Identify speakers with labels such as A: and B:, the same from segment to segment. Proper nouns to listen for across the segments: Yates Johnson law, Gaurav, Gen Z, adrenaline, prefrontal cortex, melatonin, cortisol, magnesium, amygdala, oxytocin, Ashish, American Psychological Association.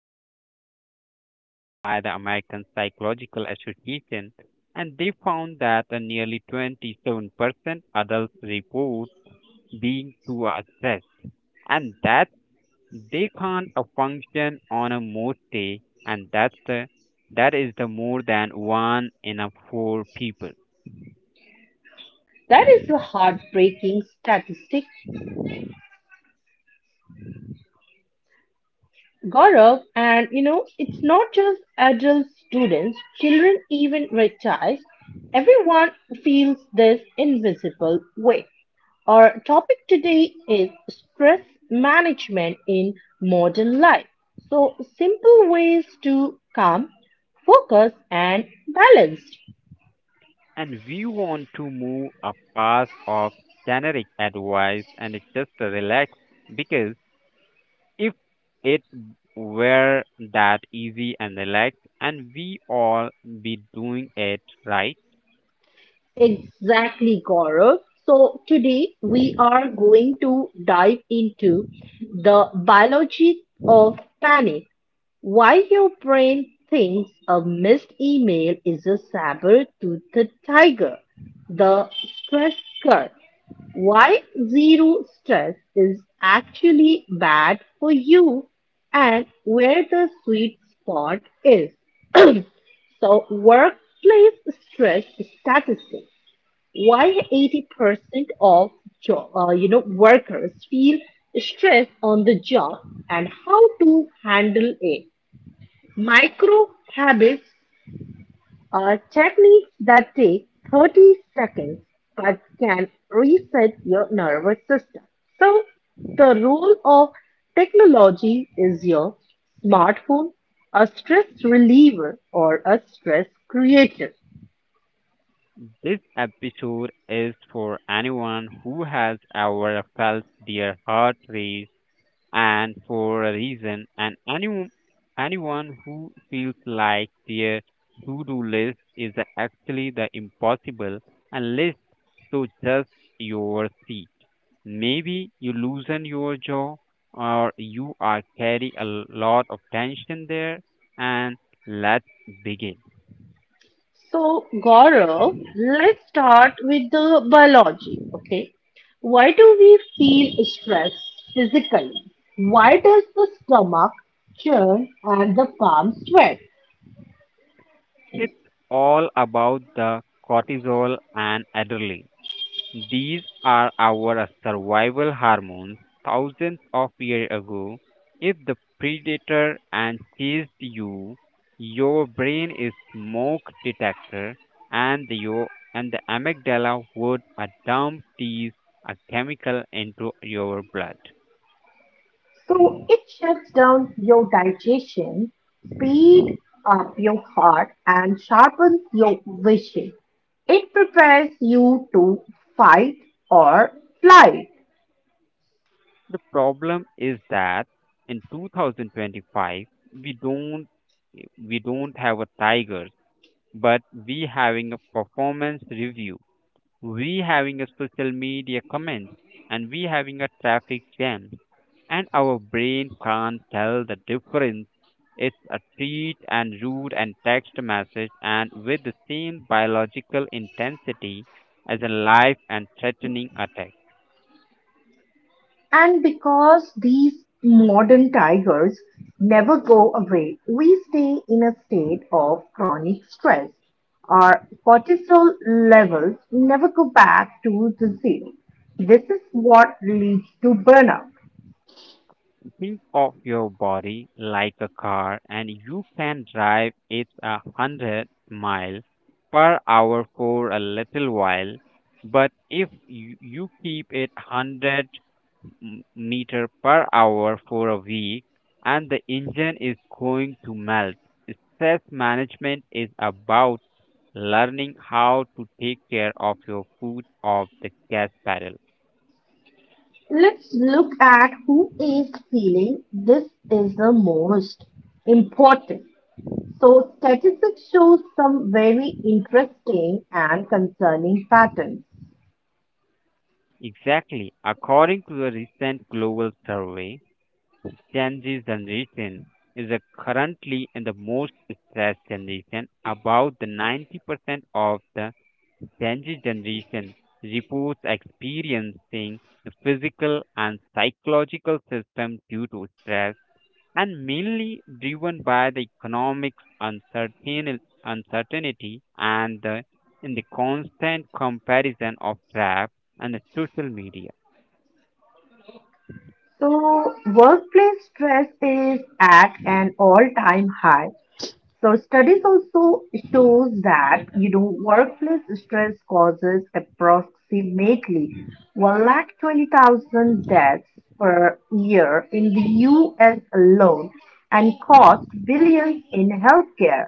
A: a report and recently by the American Psychological Association, and they found that a nearly 27% adults report being too stressed, and that they can't function on a most day, and that is the more than one in a four people.
B: That is a heartbreaking statistic, Gaurav, and it's not just adult students, children, even retirees. Everyone feels this invisible weight. Our topic today is stress management in modern life. So, simple ways to calm, focus, and balance.
A: And we want to move a path of generic advice and just relax because if it were that easy and relaxed and we all be doing it right.
B: Exactly, Gaurav. So, today we are going to dive into the biology of panic. Why your brain thinks a missed email is a saber toothed tiger, the stress curse. Why zero stress is actually bad for you and where the sweet spot is. So, workplace stress statistics. Why 80% of workers feel stress on the job and how to handle it. Micro habits are techniques that take 30 seconds but can reset your nervous system. So, the role of technology is your smartphone, a stress reliever or a stress creator.
A: This episode is for anyone who has ever felt their heart race and for a reason. And anyone who feels like their to-do list is actually the impossible unless so just your seat. Maybe you loosen your jaw or you are carry a lot of tension there and let's begin.
B: So, Gaurav, let's start with the biology. Okay, why do we feel stress physically? Why does the stomach churn and the palms sweat?
A: It's all about the cortisol and adrenaline. These are our survival hormones thousands of years ago. If the predator and chased you, your brain is smoke detector and your and the amygdala would dump these a chemical into your blood.
B: So it shuts down your digestion, speed up your heart, and sharpens your vision. It prepares you to fight or flight.
A: The problem is that in 2025 we don't we don't have a tiger, but we having a performance review, we having a social media comment, and we having a traffic jam, and our brain can't tell the difference. It's a tweet and rude and text message and with the same biological intensity as a life and threatening attack.
B: And because these modern tigers never go away, we stay in a state of chronic stress. Our cortisol levels never go back to the zero. This is what leads to burnout.
A: Think of your body like a car and you can drive it a hundred mile per hour for a little while, but if you keep it 100 meter per hour for a week and the engine is going to melt. Stress management is about learning how to take care of your foot of the gas pedal.
B: Let's look at who is feeling this is the most important. So statistics show some very interesting and concerning patterns.
A: Exactly. According to a recent global survey, Gen Z generation is a currently in the most stressed generation. About the 90% of the Gen Z generation reports experiencing the physical and psychological system due to stress and mainly driven by the economic uncertainty in the constant comparison of rap and the social media.
B: So, workplace stress is at an all-time high. So, studies also shows that workplace stress causes approximately 120,000 deaths per year in the U.S. alone and costs billions in healthcare.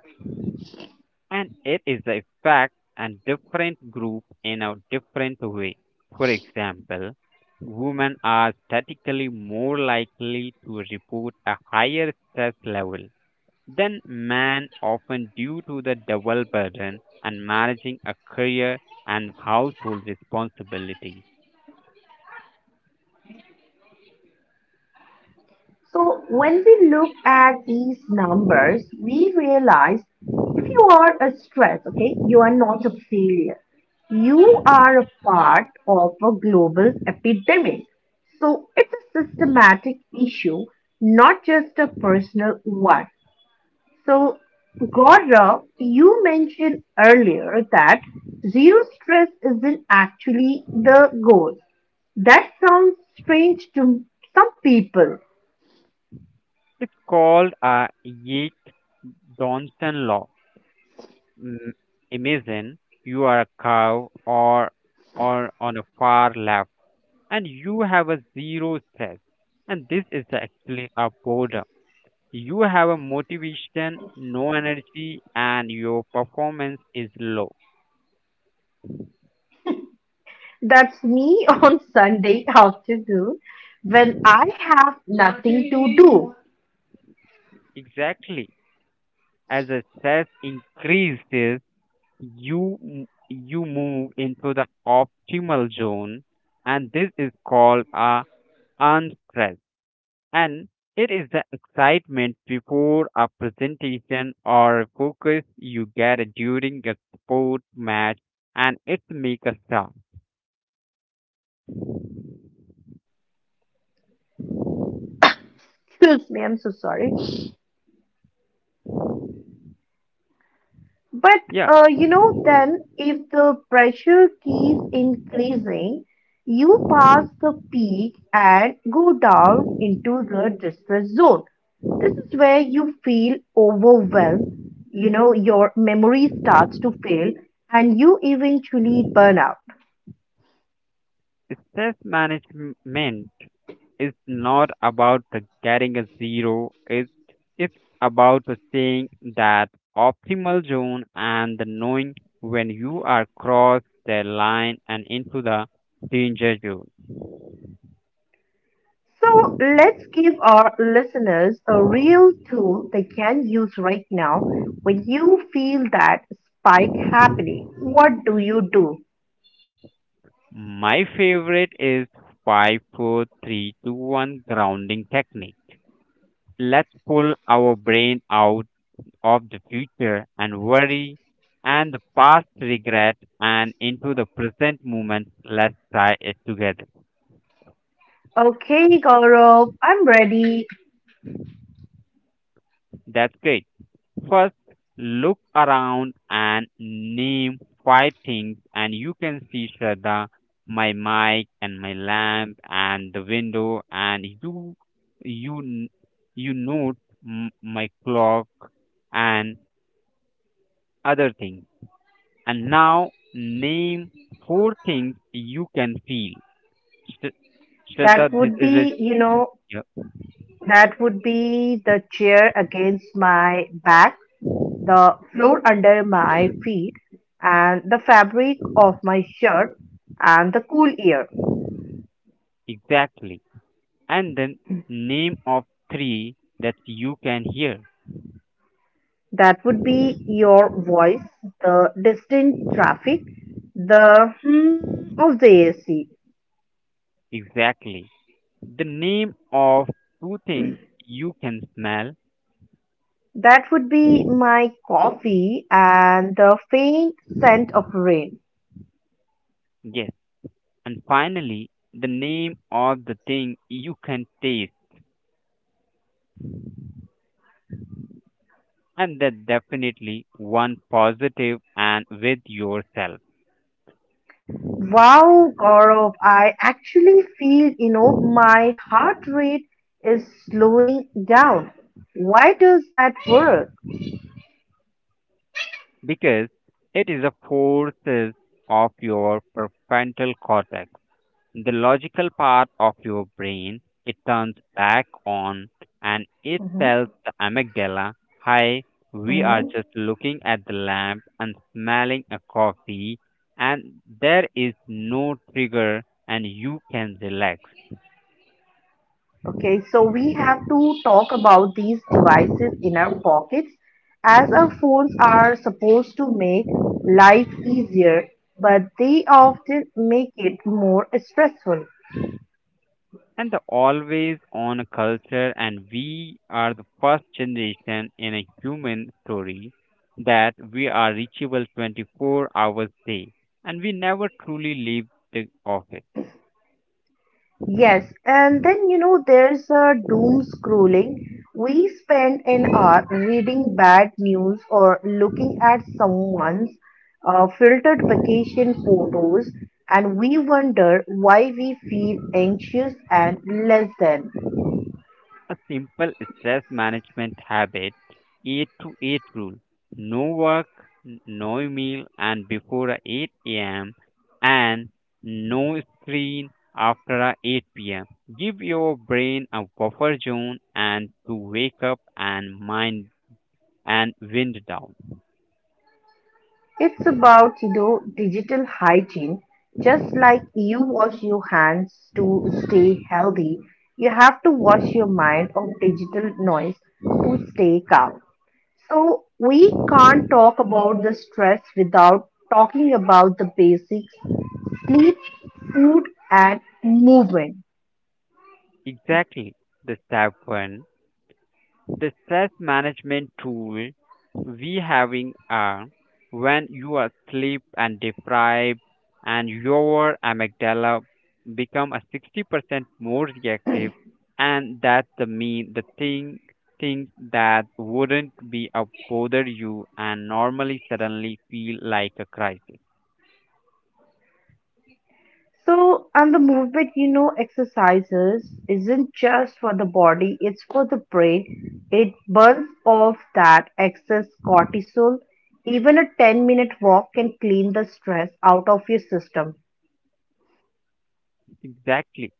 A: And it is a fact and different group in a different way. For example, women are statistically more likely to report a higher stress level than men, often due to the double burden and managing a career and household responsibilities.
B: So when we look at these numbers, we realize if you are a stress, okay, you are not a failure. You are a part of a global epidemic. So it's a systematic issue, not just a personal one. So, Gaurav, you mentioned earlier that zero stress isn't actually the goal. That sounds strange to some people.
A: It's called a yates Johnson law. Mm, Imagine you are a cow or on a far left and you have a zero stress. And this is actually a boredom. You have a motivation, no energy, and your performance is low.
B: That's me on Sunday afternoon when I have nothing to do.
A: Exactly. As the stress increases, you move into the optimal zone, and this is called a unstress. And it is the excitement before a presentation or a focus you get during a sport match and it make a star.
B: Excuse me, I'm so sorry. But
A: Yeah,
B: then if the pressure keeps increasing, you pass the peak and go down into the distress zone. This is where you feel overwhelmed, your memory starts to fail and you eventually burn out.
A: stress management is not about the getting a zero, it's about the staying that optimal zone and the knowing when you are cross the line and into the danger zone.
B: So let's give our listeners a real tool they can use right now. When you feel that spike happening, what do you do?
A: My favorite is 5, 4, 3, 2, 1 grounding technique. Let's pull our brain out of the future and worry and the past regret and into the present moment. Let's try it together.
B: Okay, Gaurav, I'm ready.
A: That's great. First, look around and name five things, and you can see Shraddha, my mic and my lamp and the window, and you, n- you note my clock and other things. And now name four things you can feel. Sh- Shraddha,
B: That
A: this
B: would
A: is it.
B: be, you know,
A: Yeah,
B: that would be the chair against my back, the floor under my feet, and the fabric of my shirt, and the cool air.
A: exactly. And then name of three that you can hear.
B: That would be your voice, the distant traffic, the hum of the AC.
A: Exactly. The name of two things you can smell.
B: That would be my coffee and the faint scent of rain.
A: Yes. And finally, the name of the thing you can taste. And that definitely one positive and with yourself
B: Wow, Gaurav, I actually feel my heart rate is slowing down. Why does that work?
A: because it is a forces of your prefrontal cortex. The logical part of your brain, it turns back on and it tells the amygdala, hi, we are
B: Mhm.
A: just looking at the lamp and smelling a coffee, and there is no trigger, and you can relax.
B: Okay, so we have to talk about these devices in our pockets as our phones are supposed to make life easier, but they often make it more stressful.
A: And the always on culture, and we are the first generation in a human story that we are reachable 24 hours a day, and we never truly leave the office.
B: Yes, and then there's a doom scrolling. We spend an hour reading bad news or looking at someone's filtered vacation photos, and we wonder why we feel anxious and less than.
A: A simple stress management habit, 8 to 8 rule. No work, no meal and before a 8 a.m. and no screen after a 8 p.m. Give your brain a buffer zone and to wake up and mind and wind down.
B: It's about digital hygiene. Just like you wash your hands to stay healthy, you have to wash your mind of digital noise to stay calm. So we can't talk about the stress without talking about the basics, sleep, food and movement.
A: Exactly, the step one. The stress management tool we having are when you are sleep and deprived and your amygdala become a 60% more reactive and that's the mean the thing things that wouldn't be a bother you and normally suddenly feel like a crisis.
B: So, and the movement, exercises isn't just for the body, it's for the brain. It burns off that excess cortisol. Even a 10-minute walk can clean the stress out of your system.
A: Exactly.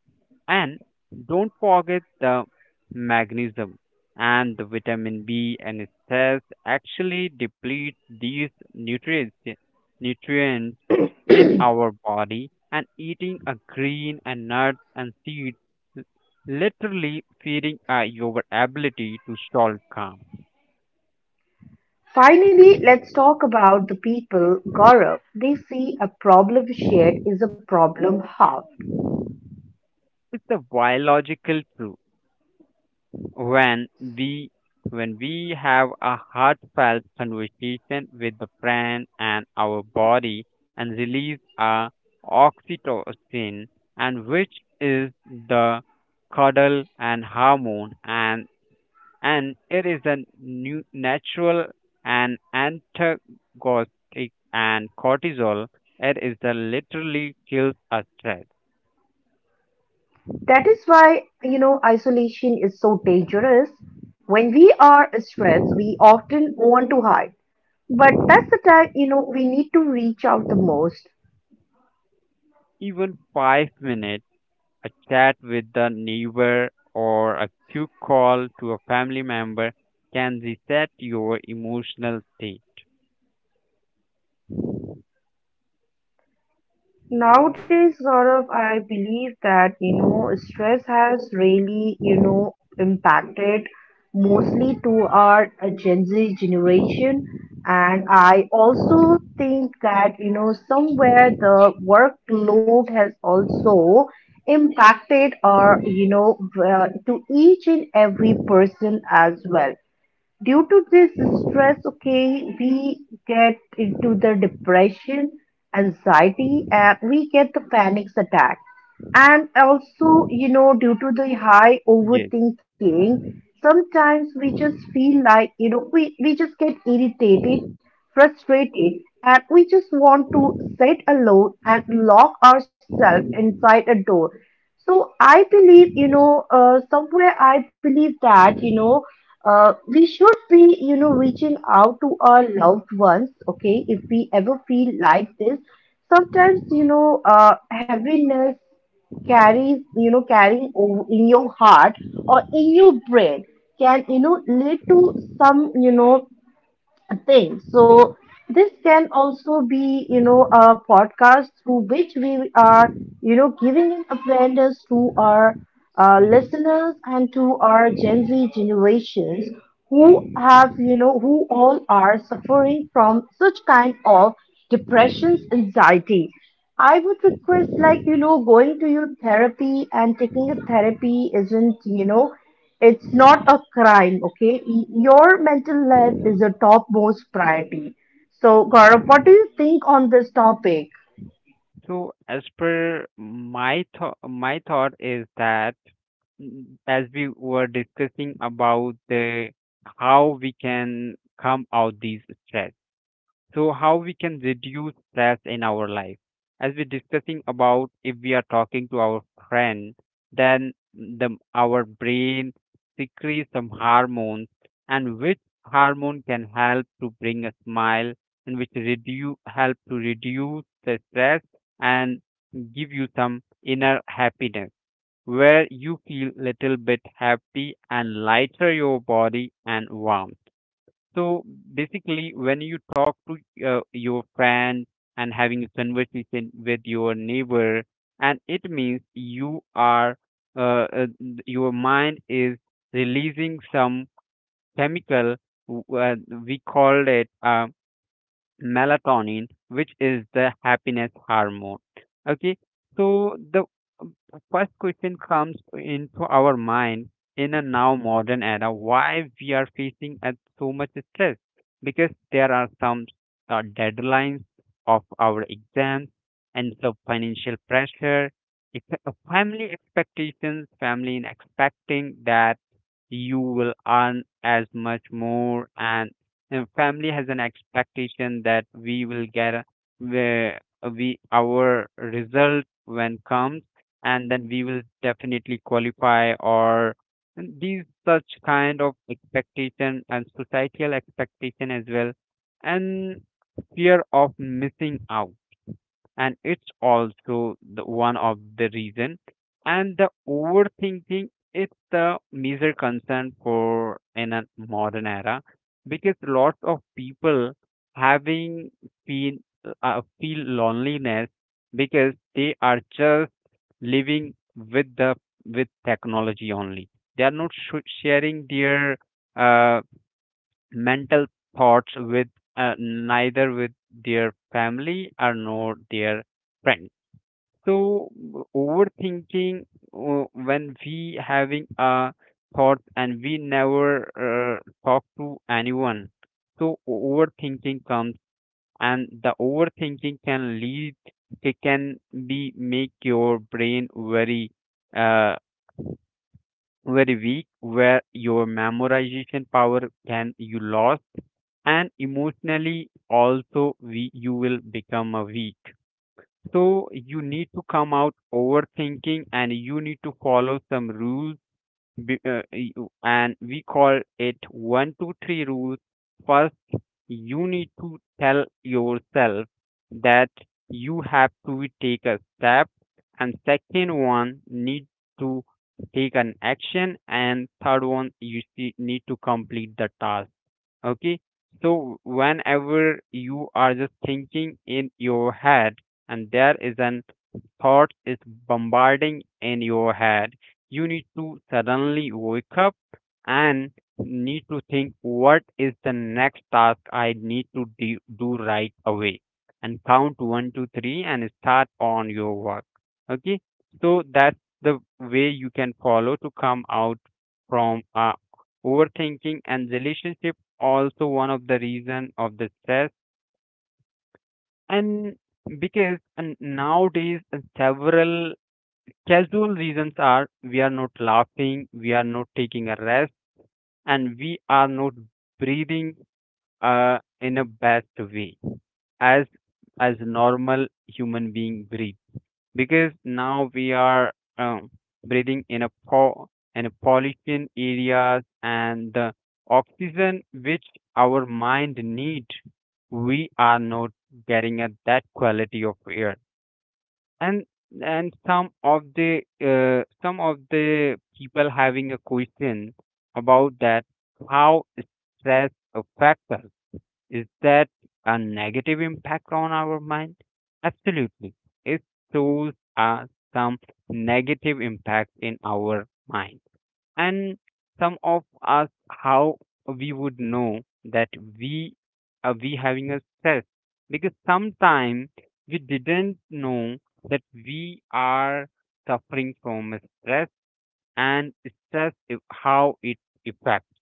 A: And don't forget the magnesium and the vitamin B and stress actually deplete these nutrients nutrients in our body and eating a green and nuts and seeds l- literally feeding your ability to solve calm.
B: Finally, let's talk about the people, Gaurav. They see a problem shared is a problem half.
A: It's a biological truth when we have a heartfelt conversation with the friend, and our body and release a oxytocin and which is the cuddle and hormone and it is a new natural and antagonistic and cortisol it is the literally kills a stress.
B: That is why isolation is so dangerous. When we are stressed, we often want to hide. But that's the time we need to reach out the most.
A: Even 5 minutes a chat with the neighbor, or a quick call to a family member can reset your emotional state.
B: Nowadays, Gaurav, I believe that stress has really impacted mostly to our Gen Z generation. And I also think that somewhere the workload has also impacted our to each and every person as well. Due to this stress, okay, we get into the depression, anxiety, and we get the panic attack. And also due to the high
A: Yes.
B: overthinking, sometimes we just feel like we just get irritated, frustrated, and we just want to sit alone and lock ourselves inside a door. So I believe somewhere I believe that we should be reaching out to our loved ones, okay, if we ever feel like this. Sometimes heaviness carries in your heart or in your brain can lead to some thing. So this can also be a podcast through which we are giving an awareness to our
A: Mhm.
B: listeners and to our Gen Z generations who have, you know, who all are suffering from such kind of depressions, anxiety. I would request, like going to your therapy and taking a therapy isn't it's not a crime, okay? Your mental health is the topmost priority. So, Gaurav, what do you think on this topic?
A: So, as per my thought, mm, as we were discussing about the how we can come out these stress. So how we can reduce stress in our life as we're discussing about if we are talking to our friend then the our brain secretes some hormones and which hormone can help to bring a smile and which reduce help to reduce the stress and give you some inner happiness where you feel little bit happy and lighter your body and warm. So basically, when you talk to your friend and having a conversation with your neighbor, and it means you are uh, uh, your mind is releasing some chemical. w- Uh, we call it. Melatonin, which is the happiness hormone. Okay, so the first question comes into our mind in a now modern era why we are facing at so much stress, because there are some deadlines of our exams and the financial pressure, family expectations, family in expecting that you will earn as much more and family has an expectation that we will get a- where we our result when comes and then we will definitely qualify or and these such kind of expectation and societal expectation as well and fear of missing out and it's also the one of the reason. And the overthinking is the major concern for in a modern era because lots of people having feel feel loneliness because they are just living with the with technology only, they are not sharing their uh, mental thoughts with neither with their family or nor their friends. So overthinking, when we having a thought and we never talk to anyone. So overthinking comes and the overthinking can lead, it can be make your brain very uh, very weak where your memorization power can you lost and emotionally also you will become a weak. So you need to come out overthinking and you need to follow some rules, and we call it 1, 2, 3 rules. First, you need to tell yourself that you have to take a step, and second one need to take an action, and third one you see, need to complete the task. Okay. So whenever you are just thinking in your head and there is an thought is bombarding in your head, you need to suddenly wake up and need to think what is the next task I need to do right away and count 1, 2, 3 and start on your work. Okay. So that's the way you can follow to come out from overthinking. And relationship also one of the reason of the stress and because and nowadays several casual reasons are we are not laughing, we are not taking a rest, and we are not breathing in a best way as as normal human being breathe because now we are um, breathing in a in a pollution areas and the oxygen which our mind need we are not getting at that quality of air. and and some of the people having a question about that how stress affects us, is that a negative impact on our mind? Absolutely. It shows us some negative impact in our mind. And some of us, how we would know that we are we having a stress? Because sometimes we didn't know that we are suffering from a stress and stress, how it affects.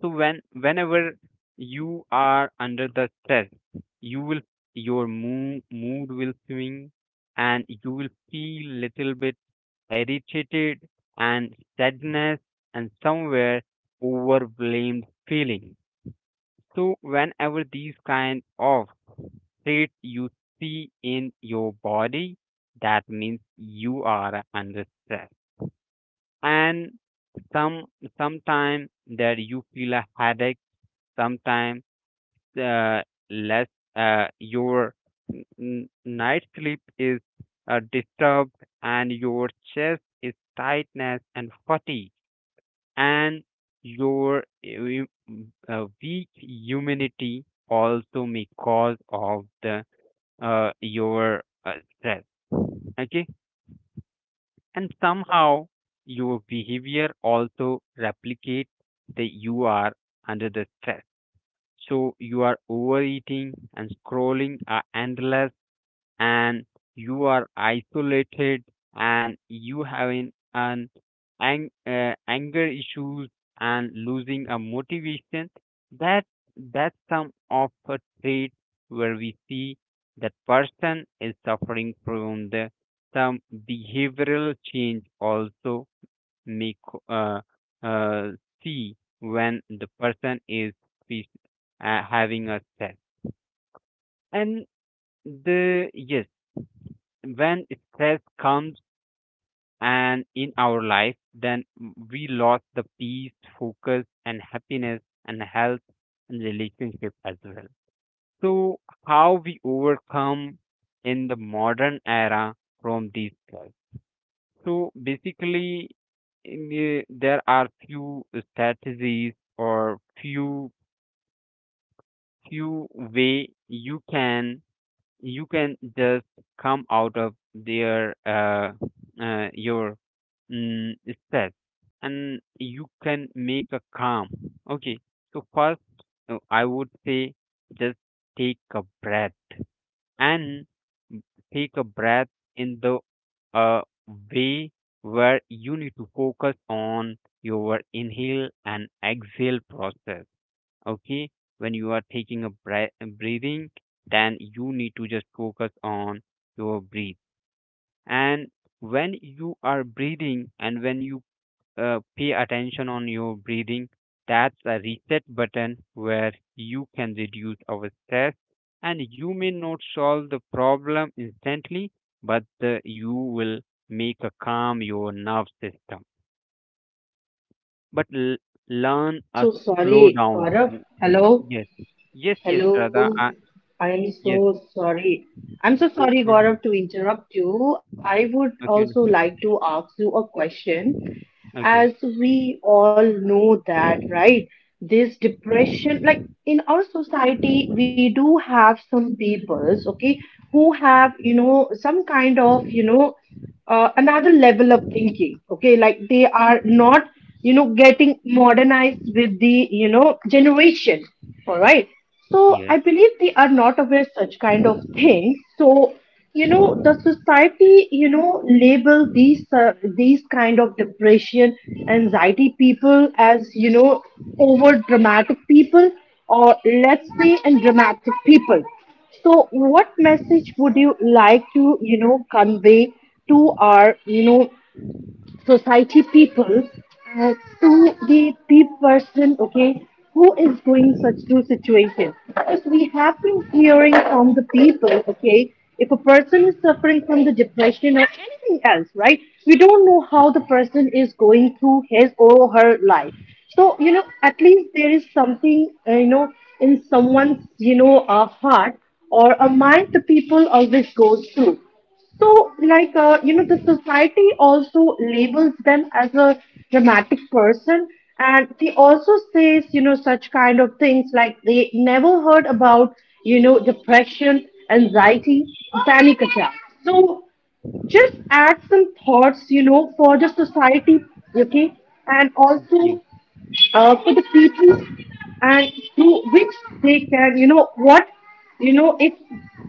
A: So whenever you are under the stress, you will your mood will swing, and you will feel little bit irritated and sadness and somewhere overwhelmed feeling. So whenever these kind of state you see in your body, that means you are under stress. And some sometime that you feel a headache, sometime uh, less your night sleep is disturbed and your chest is tightness and fatigue and your im- weak immunity also may cause of the your stress. Okay. And somehow your behavior also replicate that you are under the stress, so you are overeating and scrolling are endless and you are isolated and you having an anger issues and losing a motivation that that's some of a trait where we see that person is suffering from the some behavioral change also make uh, uh, see when the person is fe- having a stress. And the yes, when stress comes and in our life, then we lost the peace, focus, and happiness, and health, and relationship as well. So how we overcome in the modern era from these stress? So basically, there are few strategies or few way you can just come out of their your stress and you can make a calm. Okay, so first I would say just take a breath and take a breath in the uh, way where you need to focus on your inhale and exhale process. Okay, when you are taking a breathing, then you need to just focus on your breathe. And when you are breathing and when you pay attention on your breathing. That's a reset button where you can reduce our stress, and you may not solve the problem instantly, but you will make a calm your nerve system. But
B: I
A: learn
B: am
A: a
B: so
A: slow
B: sorry,
A: down.
B: Gaurav. Hello,
A: Yes, yes, yes, Radha.
B: hello. I am
A: Yes.
B: so sorry. I'm so sorry,
A: and-
B: Gaurav, to interrupt you. I would
A: Okay,
B: also
A: no,
B: like to ask you a question.
A: okay.
B: As we all know that, right, this depression, like, in our society we do have some peoples, okay, who
A: Mm,
B: have
A: okay.
B: you know some kind of another level of thinking, okay, like they are not getting modernized with the generation, all right. So
A: Yes,
B: I believe they are not aware such kind of things. So the society label these these kind of depression, anxiety people as over dramatic people or let's say and dramatic people. So what message would you like to convey to our society people, uh, to the person, okay, who is going such to situation, because we have been hearing from the people, okay, if a person is suffering from the depression or anything else, right, we don't know how the person is going through his or her life. So at least there is something in someone's heart or a mind the people always goes through. So, like, the society also labels them as a dramatic person, and they also says such kind of things like they never heard about depression, anxiety, panic attacks. So. Just add some thoughts for the society, okay, and also for the people and through which they can what if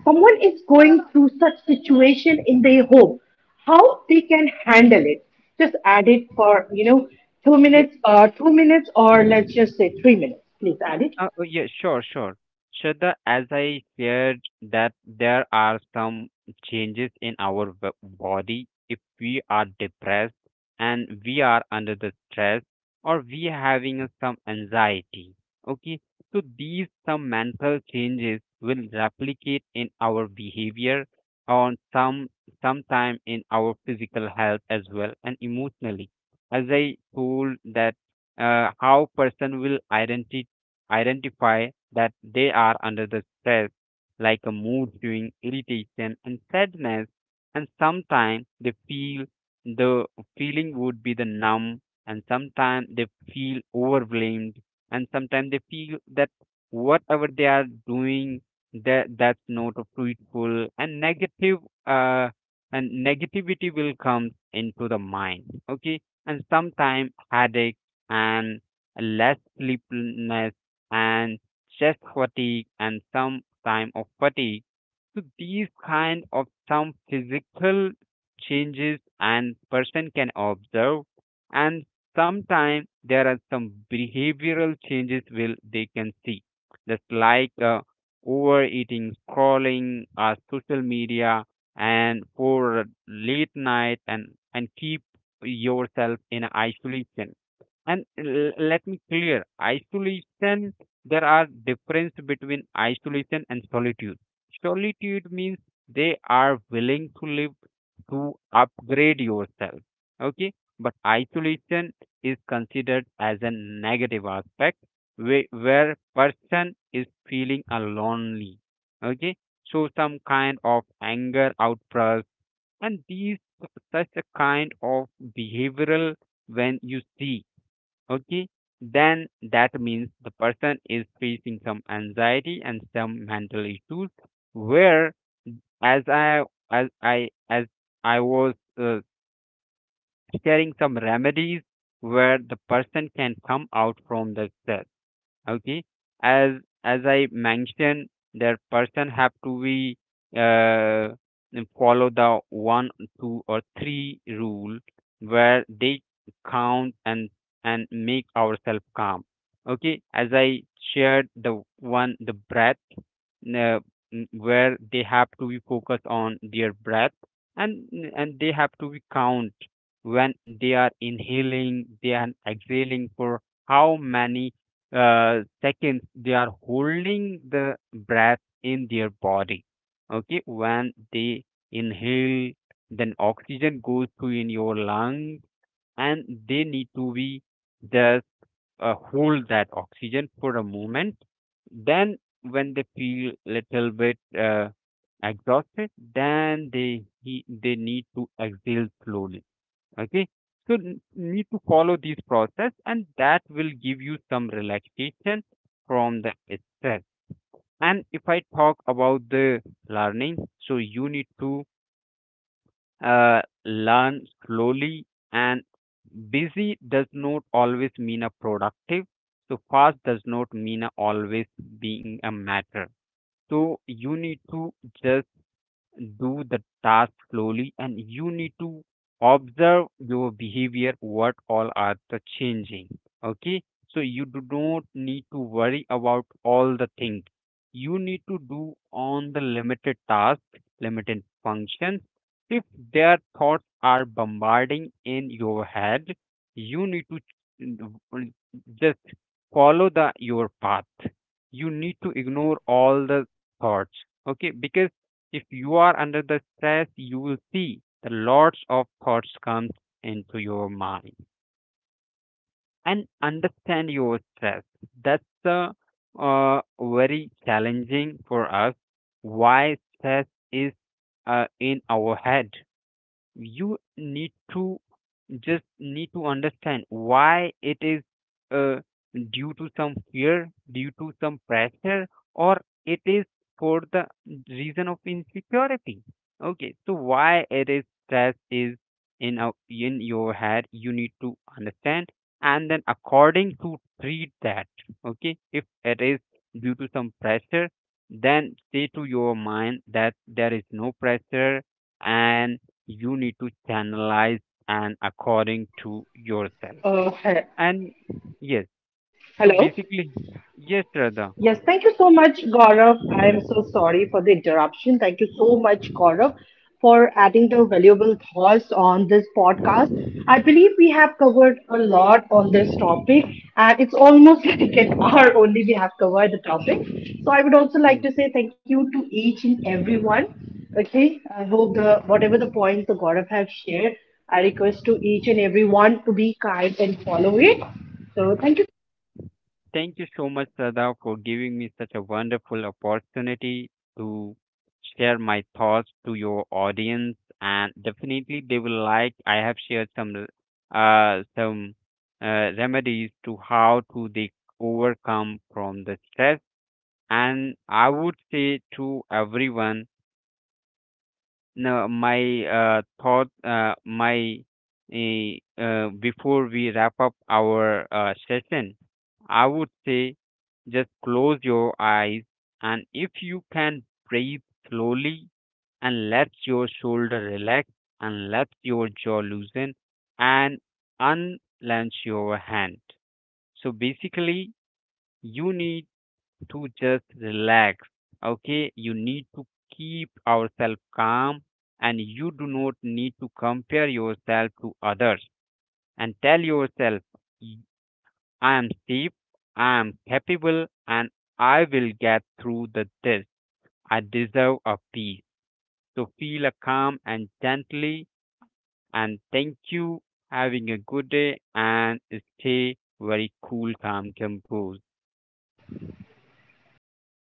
B: someone is going through such situation in their home, how they can handle it. Just add it for two
A: yes.
B: minutes 2 minutes or let's just say 3 minutes. Please add it.
A: Oh, yeah, sure, sure. Shraddha, as I shared that there are some changes in our body if we are depressed and we are under the stress or we having some anxiety. Okay, so these some mental changes will replicate in our behavior on some sometime in our physical health as well and emotionally. As I told that how person will identify that they are under the stress, like a mood swing, irritation, and sadness, and sometimes they feel the feeling would be the numb, and sometimes they feel overwhelmed, and sometimes they feel that whatever they are doing that's not fruitful and negative uh and negativity will come into the mind. Okay, and sometimes headache and less sleeplessness and chest fatigue and some time of fatigue. So these kind of some physical changes and person can observe, and sometimes there are some behavioral changes will they can see, just like overeating scrolling social media and for late night, and keep yourself in isolation. And let me clear isolation, there are difference between isolation and solitude. Solitude means they are willing to live to upgrade yourself. Okay, but isolation is considered as a negative aspect where person is feeling a lonely. Okay, so some kind of anger outburst and these such a kind of behavioral when you see, okay, then that means the person is facing some anxiety and some mental issues where as i as I was uh, sharing some remedies where the person can come out from the stress. Okay, as as I mentioned that person have to be uh, follow the one two or three rule where they count and make ourselves calm. Okay, as I shared the one the breath, where they have to be focused on their breath, and they have to be count when they are inhaling they are exhaling for how many seconds they are holding the breath in their body. Okay, when they inhale, then oxygen goes to in your lungs, and they need to be just hold that oxygen for a moment. Then when they feel little bit exhausted, then they need to exhale slowly. Okay, so need to follow these process, and that will give you some relaxation from the stress. And if I talk about the learning, so you need to learn slowly. And busy does not always mean a productive, so fast does not mean a always being a matter. So you need to just do the task slowly, and you need to observe your behavior what all are the changing. Okay, so you do not need to worry about all the things, you need to do on the limited task, limited functions. If their thoughts are bombarding in your head, you need to just follow the your path, you need to ignore all the thoughts. Okay, because if you are under the stress, you will see the lots of thoughts comes into your mind and understand your stress. That's very challenging for us. Why stress is in our head? You need to just need to understand why it is, uh, due to some fear, due to some pressure, or it is for the reason of insecurity. Okay, so why it is stress is in our, in your head, you need to understand, and then according to treat that. Okay, if it is due to some pressure, then say to your mind that there is no pressure, and you need to channelize and according to yourself.
B: Uh, he-
A: And yes,
B: hello.
A: so basically, yes,
B: Yes,
A: Radha.
B: thank you so much, Gaurav. I am so sorry for the interruption. Thank you so much, Gaurav, for adding the valuable thoughts on this podcast. I believe we have covered a lot on this topic, and it's almost like an hour only we have covered the topic. So I would also
A: Yes.
B: like to say thank you to each and everyone. Okay, I hope the whatever the points the Gaurav have shared, I request to each and everyone to be kind and follow it. So thank you so much, Gaurav.
A: Thank you so much, Radha, for giving me such a wonderful opportunity to share my thoughts to your audience. And definitely, they will like. I have shared some uh, some remedies to how to they overcome from the stress. And I would say to everyone, no, my eh, before we wrap up our session, I would say just close your eyes, and if you can breathe slowly, and let your shoulder relax, and let your jaw loosen, and unlench your hand. So basically, you need to just relax. Okay, you need to keep ourselves calm, and you do not need to compare yourself to others, and tell yourself, "Y- I am safe, I am capable, and I will get through the this. I deserve a peace. So feel a calm and gently, and thank you. Having a good day and stay very cool, calm, composed.
B: Thank you